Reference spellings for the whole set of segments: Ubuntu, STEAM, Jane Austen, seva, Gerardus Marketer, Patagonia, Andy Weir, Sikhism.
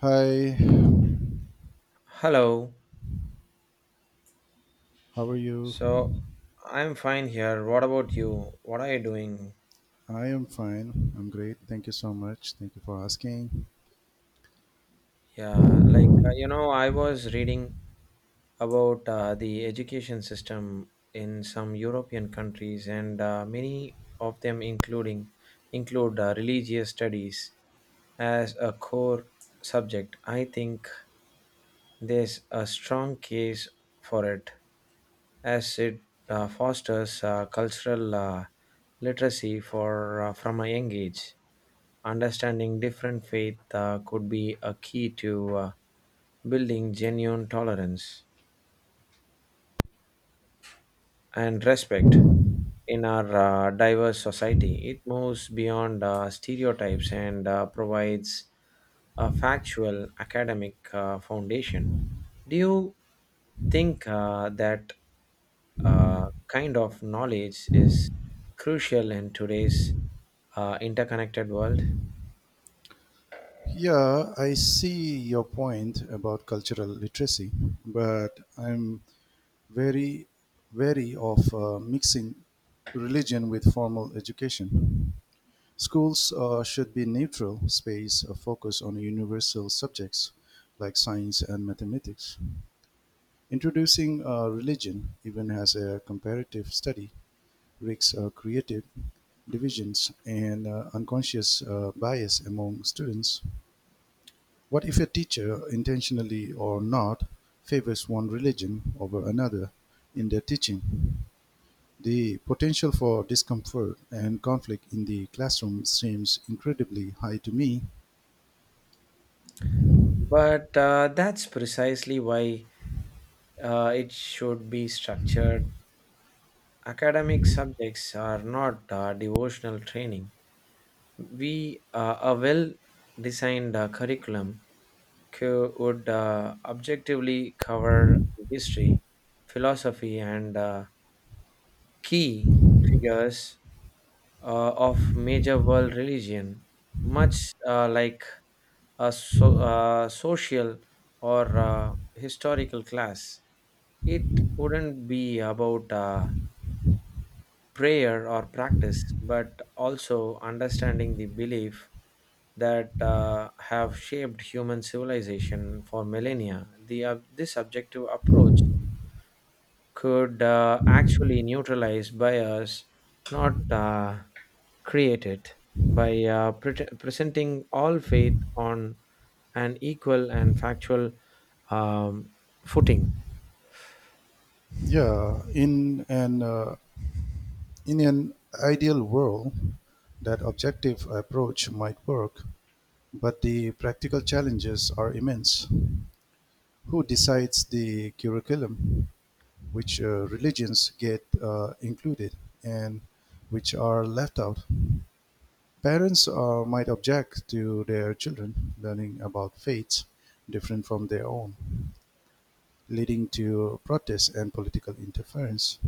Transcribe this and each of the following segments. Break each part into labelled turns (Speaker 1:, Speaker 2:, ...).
Speaker 1: Hi,
Speaker 2: Hello.
Speaker 1: how are you?
Speaker 2: So I'm fine here. What about you? What are you doing?
Speaker 1: I am fine. I'm great. Thank you so much. Thank you for asking.
Speaker 2: Yeah, like I was reading about the education system in some European countries, and many of them including include religious studies as a core subject. I think there's a strong case for it, as it fosters cultural literacy for from a young age. Understanding different faith could be a key to building genuine tolerance and respect in our diverse society. It moves beyond stereotypes and provides a factual academic foundation. Do you think that kind of knowledge is crucial in today's interconnected world?
Speaker 1: Yeah, I see your point about cultural literacy, but I'm very wary of mixing religion with formal education. Schools should be neutral space of focus on universal subjects like science and mathematics. Introducing religion even as a comparative study rigs created divisions and unconscious bias among students. What if a teacher, intentionally or not, favors one religion over another in their teaching? The potential for discomfort and conflict in the classroom seems incredibly high to me.
Speaker 2: But that's precisely why it should be structured. Academic subjects are not devotional training. We A well-designed curriculum would objectively cover history, philosophy, and key figures of major world religion, much like a social or historical class. It wouldn't be about prayer or practice, but also understanding the belief that have shaped human civilization for millennia. This objective approach could actually neutralize bias, not create it, by presenting all faith on an equal and factual um, footing.
Speaker 1: Yeah, in an ideal world, that objective approach might work, but the practical challenges are immense. Who decides the curriculum? Which religions get included and which are left out? Parents might object to their children learning about faiths different from their own, leading to protests and political interference.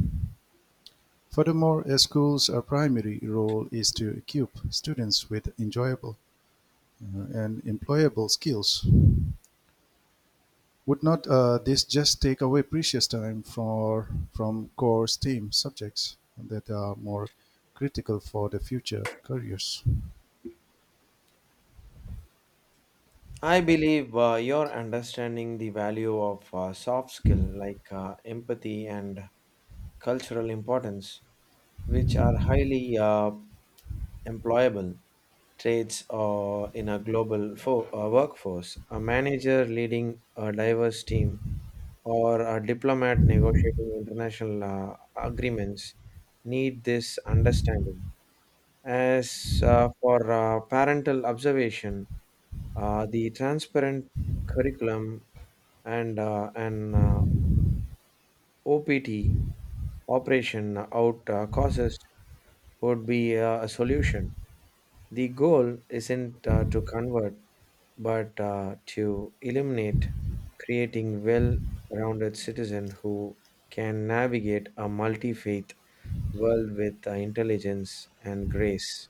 Speaker 1: Furthermore, a school's primary role is to equip students with enjoyable and employable skills. Would not this just take away precious time for, from core STEAM subjects that are more critical for the future careers?
Speaker 2: I believe you're understanding the value of soft skill like empathy and cultural importance, which are highly employable traits in a global workforce. A manager leading a diverse team or a diplomat negotiating international agreements need this understanding. As for parental observation, the transparent curriculum and an OPT operation out causes would be a solution. The goal isn't to convert, but to illuminate, creating well rounded citizen who can navigate a multi faith world with intelligence and grace.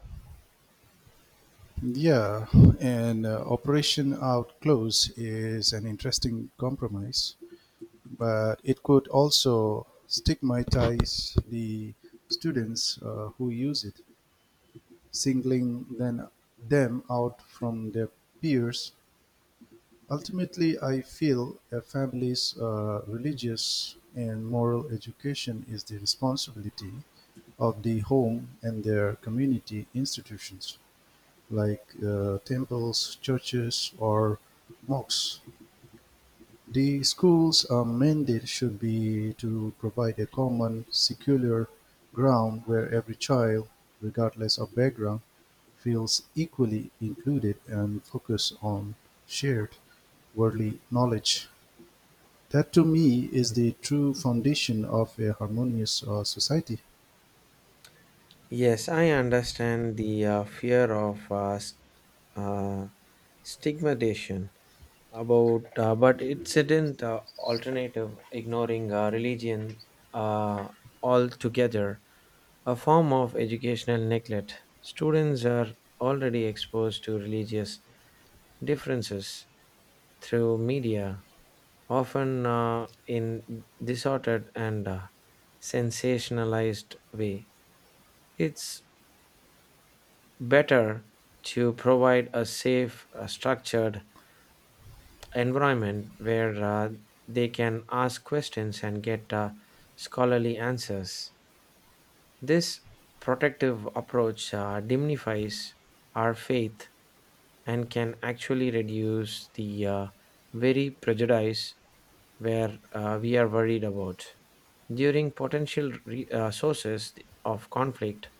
Speaker 1: Yeah, and operation out close is an interesting compromise, but it could also stigmatize the students who use it, singling then them out from their peers. Ultimately, I feel a family's religious and moral education is the responsibility of the home and their community institutions, like temples, churches, or mosques. The school's mandate should be to provide a common, secular ground where every child, regardless of background, feels equally included and focus on shared worldly knowledge. That to me is the true foundation of a harmonious society.
Speaker 2: Yes, I understand the fear of uh, stigmatization about, but it's isn't alternative ignoring religion uh, altogether, a form of educational neglect. Students are already exposed to religious differences through media, often in disordered and sensationalized way. It's better to provide a safe, structured environment where they can ask questions and get scholarly answers. This protective approach dignifies our faith and can actually reduce the very prejudice where we are worried about during potential sources of conflict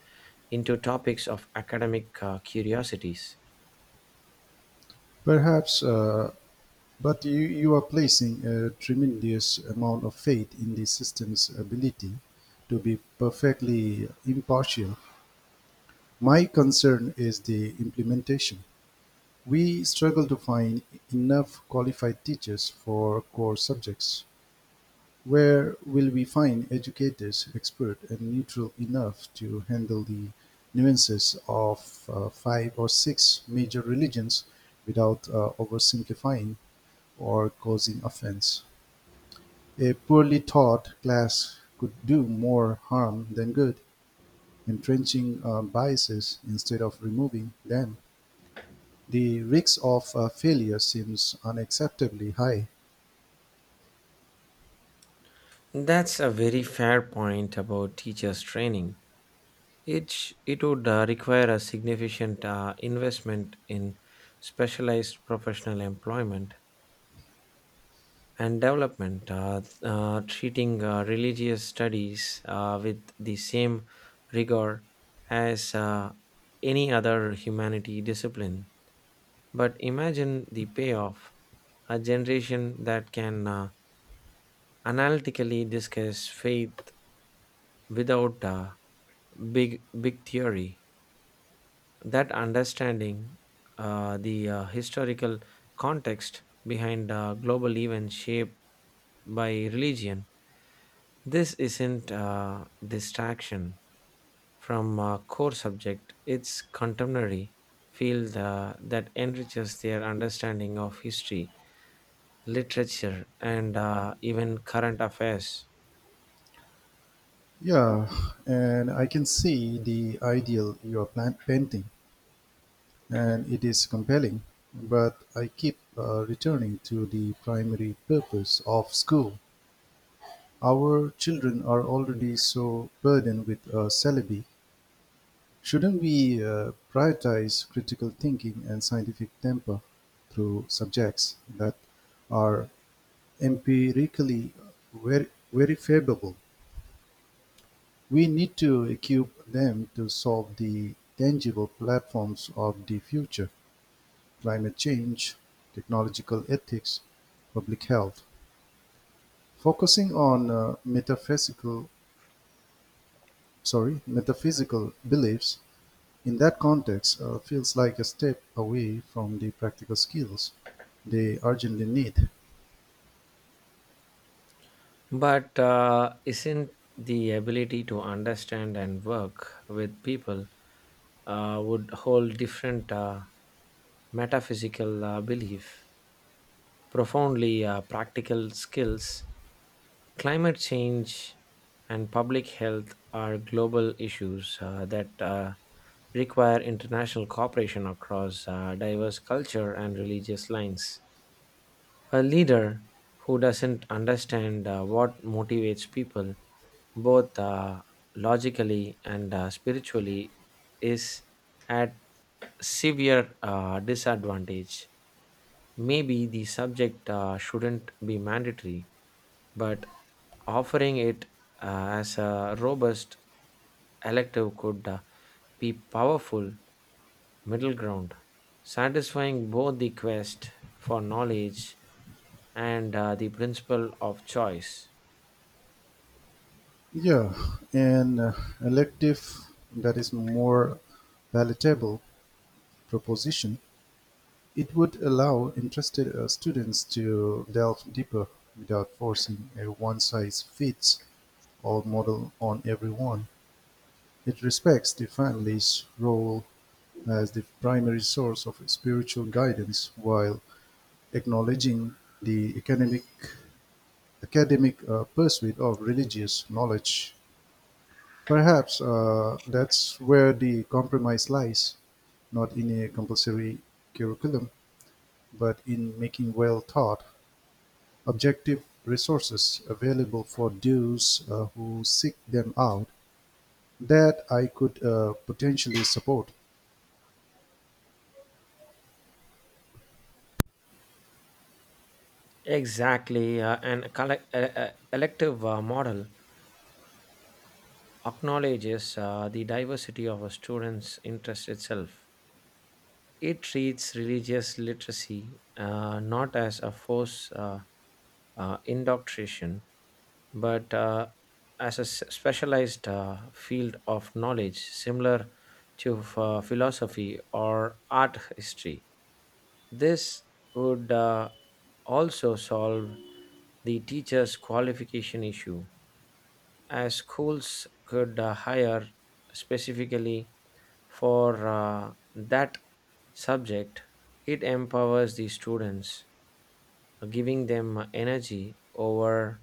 Speaker 2: into topics of academic curiosities.
Speaker 1: Perhaps, but you are placing a tremendous amount of faith in the system's ability to be perfectly impartial. My concern is the implementation. We struggle to find enough qualified teachers for core subjects. Where will we find educators expert and neutral enough to handle the nuances of five or six major religions without oversimplifying or causing offense? A poorly taught class could do more harm than good, entrenching biases instead of removing them. The risk of failure seems unacceptably high.
Speaker 2: That's a very fair point about teachers' training. It would require a significant investment in specialized professional employment and development, treating religious studies with the same rigor as any other humanity discipline. But imagine the payoff, a generation that can analytically discuss faith without big big theory, that understanding the historical context behind global events shaped by religion. This isn't distraction from a core subject. It's contemporary field that enriches their understanding of history, literature and even current affairs.
Speaker 1: Yeah, and I can see the ideal you are painting, and it is compelling, but I keep returning to the primary purpose of school. Our children are already so burdened with syllabi. Shouldn't we prioritize critical thinking and scientific temper through subjects that are empirically verifiable? We need to equip them to solve the tangible platforms of the future: climate change, technological ethics, public health. Focusing on metaphysical beliefs in that context feels like a step away from the practical skills they urgently need.
Speaker 2: But isn't the ability to understand and work with people would hold different metaphysical belief, profoundly practical skills? Climate change and public health are global issues that require international cooperation across diverse culture and religious lines. A leader who doesn't understand what motivates people both logically and spiritually is at severe disadvantage. Maybe the subject shouldn't be mandatory, but offering it as a robust elective could be powerful middle ground satisfying both the quest for knowledge and the principle of choice.
Speaker 1: Yeah, an elective that is more palatable proposition. It would allow interested students to delve deeper without forcing a one-size-fits-all model on everyone. It respects the family's role as the primary source of spiritual guidance while acknowledging the academic pursuit of religious knowledge. Perhaps that's where the compromise lies, not in a compulsory curriculum, but in making well taught objective resources available for those who seek them out, that I could potentially support.
Speaker 2: Exactly, elective model acknowledges the diversity of a student's interest itself. It treats religious literacy not as a forced indoctrination, but as a specialized field of knowledge similar to philosophy or art history. This would also solve the teachers' qualification issue, as schools could hire specifically for that subject. It empowers the students, giving them energy over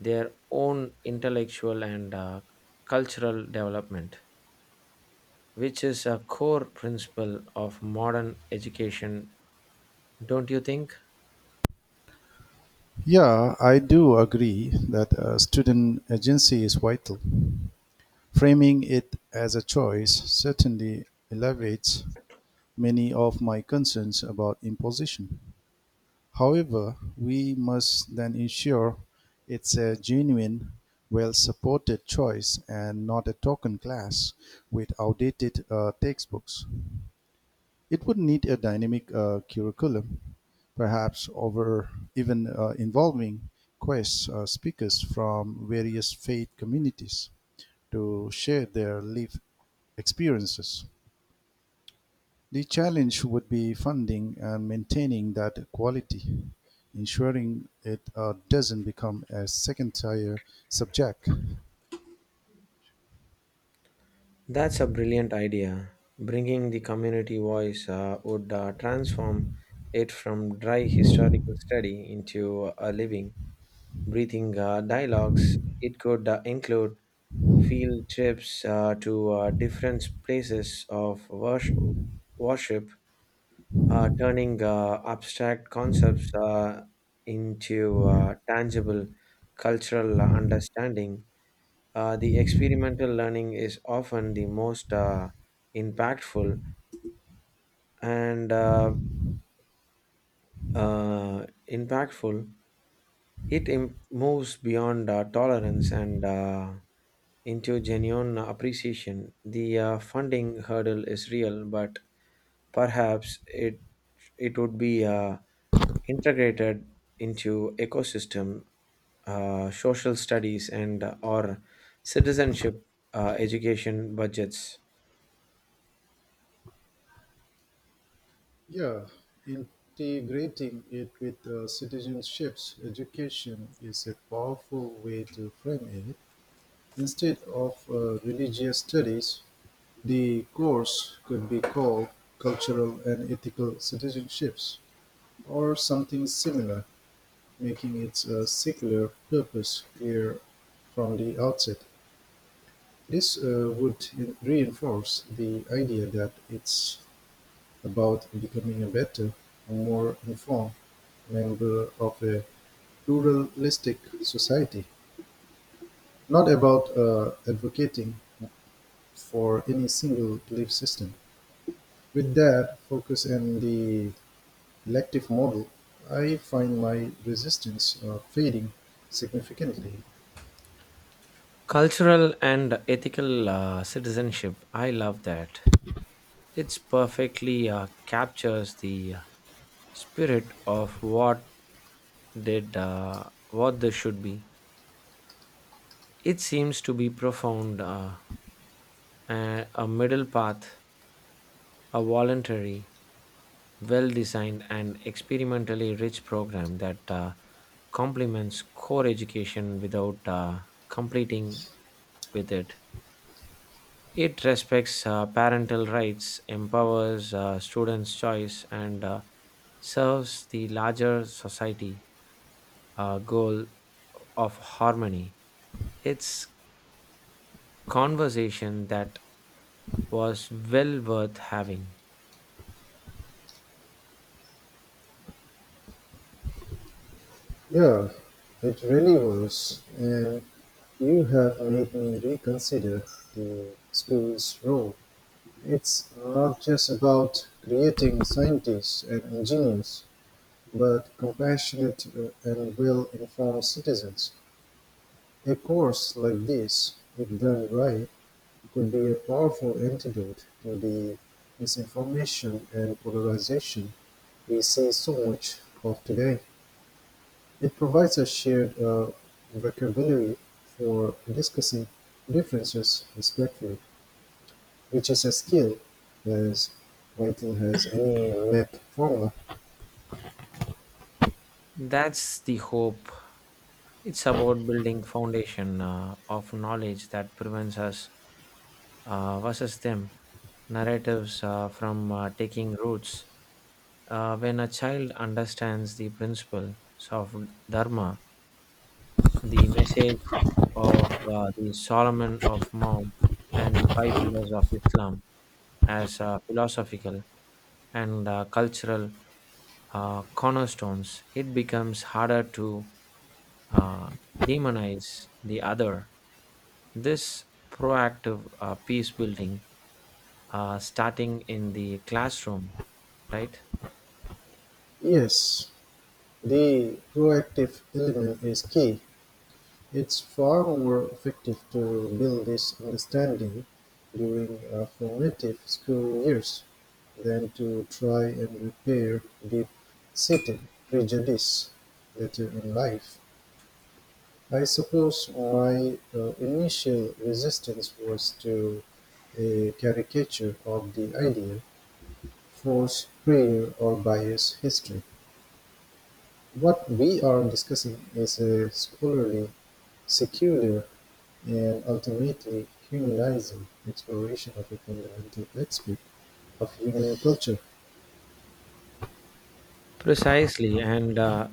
Speaker 2: their own intellectual and cultural development, which is a core principle of modern education, don't you think?
Speaker 1: Yeah, I do agree that student agency is vital. Framing it as a choice certainly elevates many of my concerns about imposition. However, we must then ensure it's a genuine, well-supported choice and not a token class with outdated textbooks. It would need a dynamic curriculum, perhaps over even involving quest speakers from various faith communities to share their lived experiences. The challenge would be funding and maintaining that quality, ensuring it doesn't become a second-tier subject.
Speaker 2: That's a brilliant idea. Bringing the community voice would transform it from dry historical study into a living, breathing dialogues. It could include field trips to different places of worship, turning abstract concepts into tangible cultural understanding. The experimental learning is often the most impactful and impactful. It moves beyond tolerance and into genuine appreciation. The funding hurdle is real, but perhaps it would be integrated into ecosystem, social studies, and or citizenship education budgets.
Speaker 1: Yeah, integrating it with citizenships education is a powerful way to frame it. Instead of religious studies, the course could be called cultural and ethical citizenships or something similar, making its secular purpose clear from the outset. This would reinforce the idea that it's about becoming a better, more informed member of a pluralistic society, not about advocating for any single belief system. With that focus and the elective model, I find my resistance fading significantly.
Speaker 2: Cultural and ethical citizenship. I love that. It's perfectly captures the spirit of what this should be. It seems to be profound, a middle path, a voluntary, well-designed, and experimentally rich program that complements core education without completing with it. It respects parental rights, empowers students' choice, and serves the larger society goal of harmony. It's conversation that was well worth having.
Speaker 1: Yeah, it really was. And you have made me reconsider the school's role. It's not just about creating scientists and engineers, but compassionate and well informed citizens. A course like this, if done right, could be a powerful antidote to the misinformation and polarization we see so much of today. It provides a shared vocabulary for discussing differences respectfully, which is a skill as vital as any math formula.
Speaker 2: That's the hope. It's about building foundation of knowledge that prevents us versus them narratives from taking roots. When a child understands the principles of Dharma, the message of the Solomon of Mount, and the five pillars of Islam as philosophical and cultural cornerstones, it becomes harder to uh, demonize the other. This proactive peace building, starting in the classroom, right?
Speaker 1: Yes, the proactive element is key. It's far more effective to build this understanding during formative school years than to try and repair deep seated prejudice later in life. I suppose my initial resistance was to a caricature of the idea, force, prayer, or bias history. What we are discussing is a scholarly, secular, and ultimately humanizing exploration of a fundamental aspect of human culture.
Speaker 2: Precisely, and uh,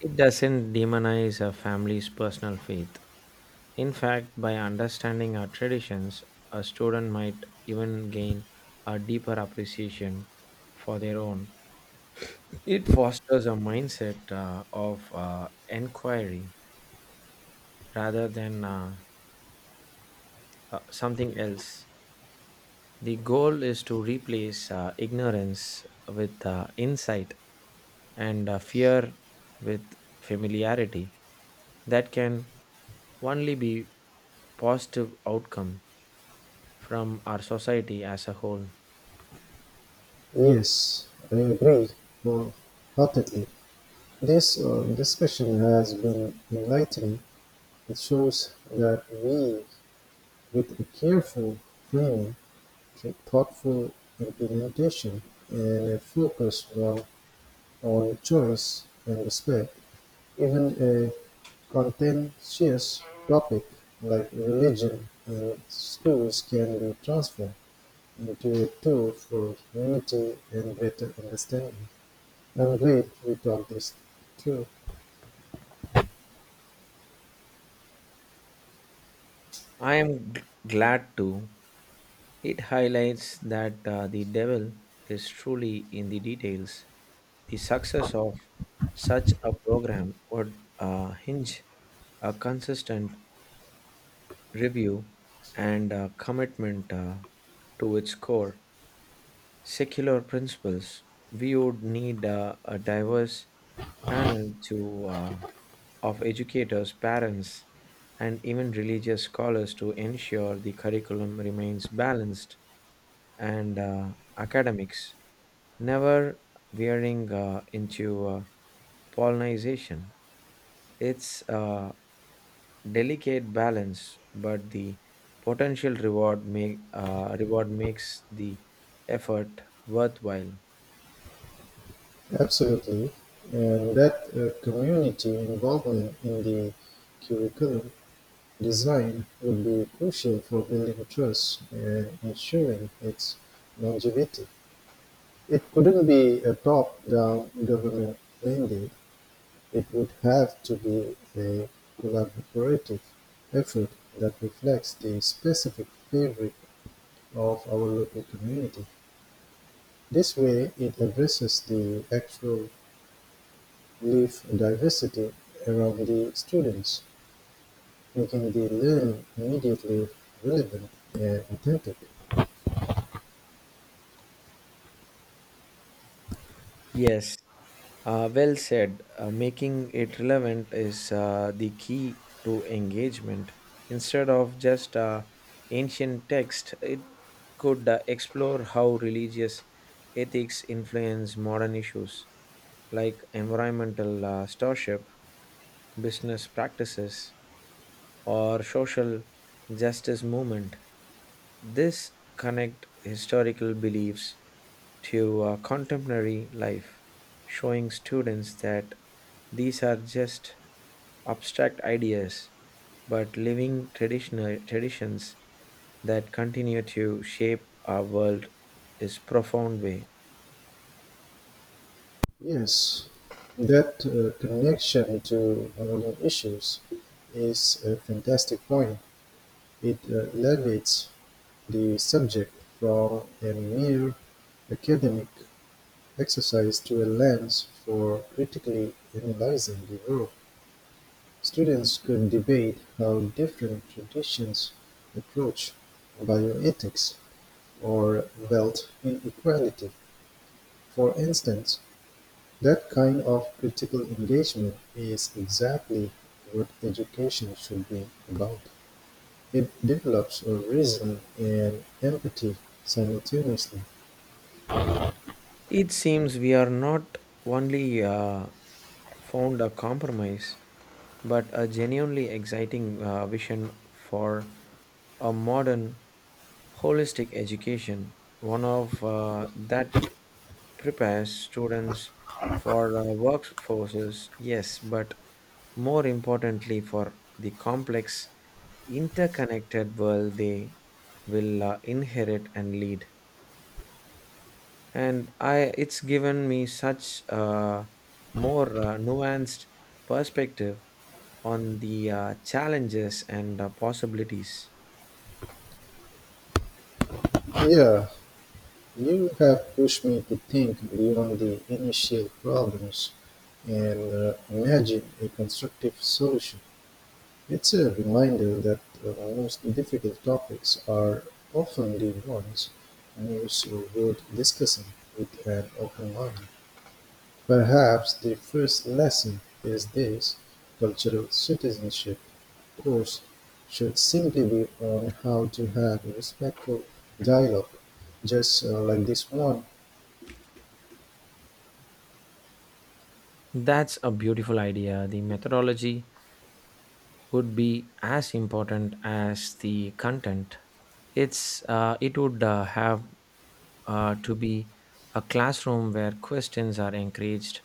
Speaker 2: It doesn't demonize a family's personal faith. In fact, by understanding our traditions, a student might even gain a deeper appreciation for their own. It fosters a mindset of inquiry rather than something else. The goal is to replace ignorance with insight and fear with familiarity. That can only be positive outcome from our society as a whole.
Speaker 1: Yes, I agree wholeheartedly. This discussion has been enlightening. It shows that we, with a careful plan, thoughtful implementation, and a focus well on choice and respect, even a contentious topic like religion and schools can be transformed into a tool for unity and better understanding. I'm glad we talked this through.
Speaker 2: I am glad to. It highlights that the devil is truly in the details. The success of such a program would hinge a consistent review, and a commitment to its core secular principles, we would need a diverse panel to, of educators, parents, and even religious scholars to ensure the curriculum remains balanced and academics, never veering into pollination. It's a delicate balance, but the potential reward makes the effort worthwhile.
Speaker 1: Absolutely. And that community involvement in the curriculum design would be crucial for building trust and ensuring its longevity. It couldn't be a top-down government mandate. It would have to be a collaborative effort that reflects the specific fabric of our local community. This way, it addresses the actual leaf diversity around the students, making the learning immediately relevant and authentic.
Speaker 2: Yes, well said. Making it relevant is the key to engagement. Instead of just ancient text, it could explore how religious ethics influence modern issues, like environmental stewardship, business practices, or social justice movement. This connect historical beliefs to contemporary life, showing students that these are just abstract ideas, but living traditional traditions that continue to shape our world is profound way.
Speaker 1: Yes, that connection to modern issues is a fantastic point. It elevates the subject from a mere academic exercise to a lens for critically analyzing the world. Students could debate how different traditions approach bioethics or wealth inequality, for instance. That kind of critical engagement is exactly what education should be about. It develops a reason and empathy simultaneously.
Speaker 2: It seems we are not only found a compromise, but a genuinely exciting vision for a modern holistic education, one of that prepares students for workforces, yes, but more importantly for the complex interconnected world they will inherit and lead, and I it's given me such a more nuanced perspective on the challenges and possibilities.
Speaker 1: Yeah, you have pushed me to think beyond the initial problems and imagine a constructive solution. It's a reminder that the most difficult topics are often the ones most worth discussing with an open mind. Perhaps the first lesson is this: cultural citizenship course should simply be on how to have respectful dialogue, just like this one.
Speaker 2: That's a beautiful idea. The methodology would be as important as the content. It would have to be a classroom where questions are encouraged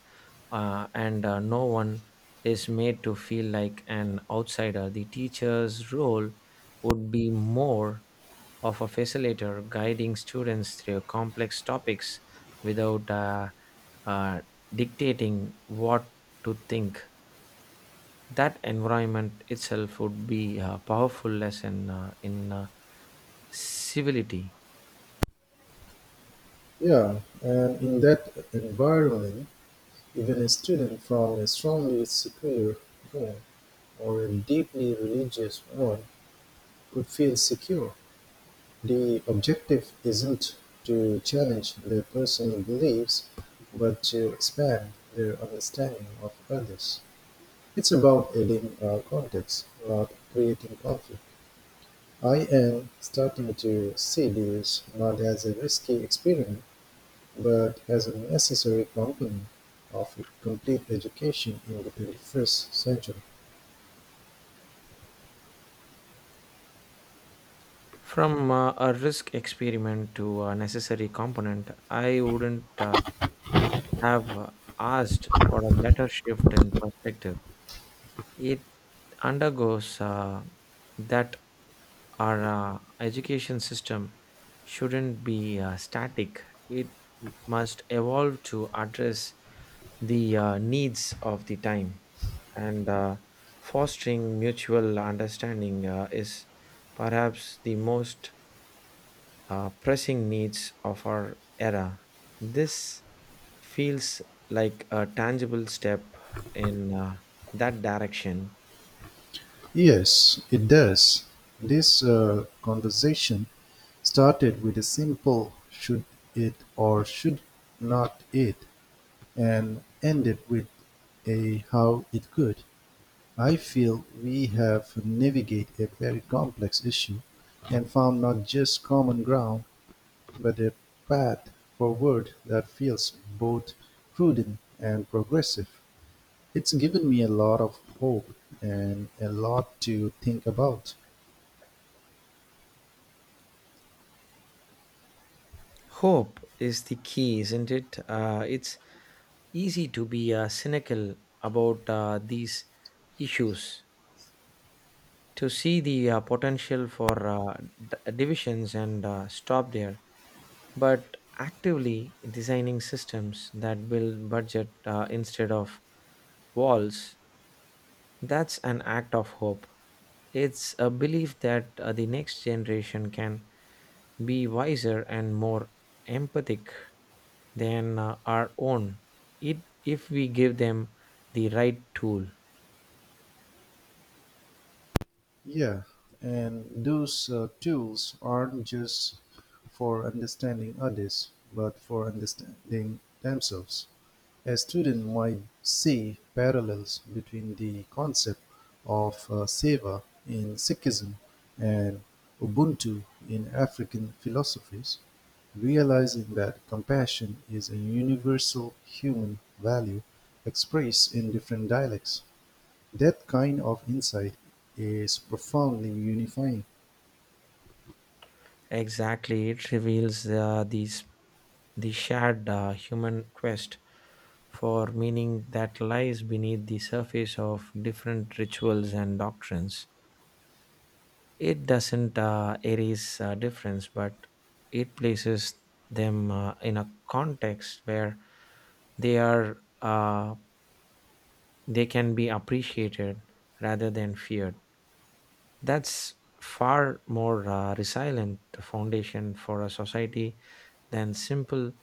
Speaker 2: and no one is made to feel like an outsider. The teacher's role would be more of a facilitator guiding students through complex topics without uh, dictating what to think. That environment itself would be a powerful lesson in civility.
Speaker 1: Yeah, and in that environment, even a student from a strongly secular home or a deeply religious one could feel secure. The objective isn't to challenge their personal beliefs, but to expand their understanding of others. It's about adding context, not creating conflict. I am starting to see this not as a risky experiment, but as a necessary component of a complete education in the 21st century.
Speaker 2: From a risk experiment to a necessary component, I wouldn't have asked for a better shift in perspective. It undergoes that our education system shouldn't be static. It must evolve to address the needs of the time. And fostering mutual understanding is perhaps the most pressing needs of our era. This feels like a tangible step in that direction.
Speaker 1: Yes, it does. This conversation started with a simple should it or should not it and ended with a how it could. I feel we have navigated a very complex issue and found not just common ground but a path forward that feels both prudent and progressive. It's given me a lot of hope and a lot to think about.
Speaker 2: Hope is the key, isn't it? It's easy to be cynical about these issues, to see the potential for divisions and stop there. But actively designing systems that build budget instead of walls, that's an act of hope. It's a belief that the next generation can be wiser and more empathic than our own if we give them the right tool.
Speaker 1: Yeah, and those tools aren't just for understanding others, but for understanding themselves. A student might see parallels between the concept of seva in Sikhism and Ubuntu in African philosophies, realizing that compassion is a universal human value expressed in different dialects. That kind of insight is profoundly unifying.
Speaker 2: Exactly, it reveals the shared human quest for meaning that lies beneath the surface of different rituals and doctrines. It doesn't erase difference, but it places them in a context where they are uh, they can be appreciated rather than feared. That's far more resilient foundation for a society than simple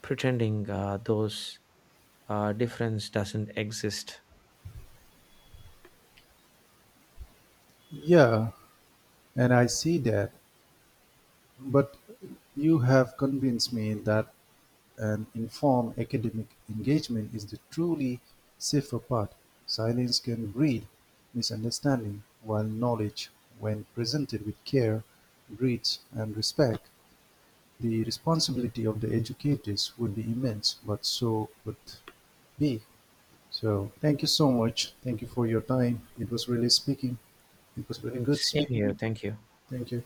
Speaker 2: pretending those difference doesn't exist.
Speaker 1: Yeah, and I see that. But you have convinced me that an informed academic engagement is the truly safer path. Silence can breed misunderstanding, while knowledge, when presented with care, breeds and respect. The responsibility of the educators would be immense, but so would be. So thank you so much. Thank you for your time. It was really speaking. It was really good
Speaker 2: Same here.
Speaker 1: speaking.
Speaker 2: Thank you.
Speaker 1: Thank you.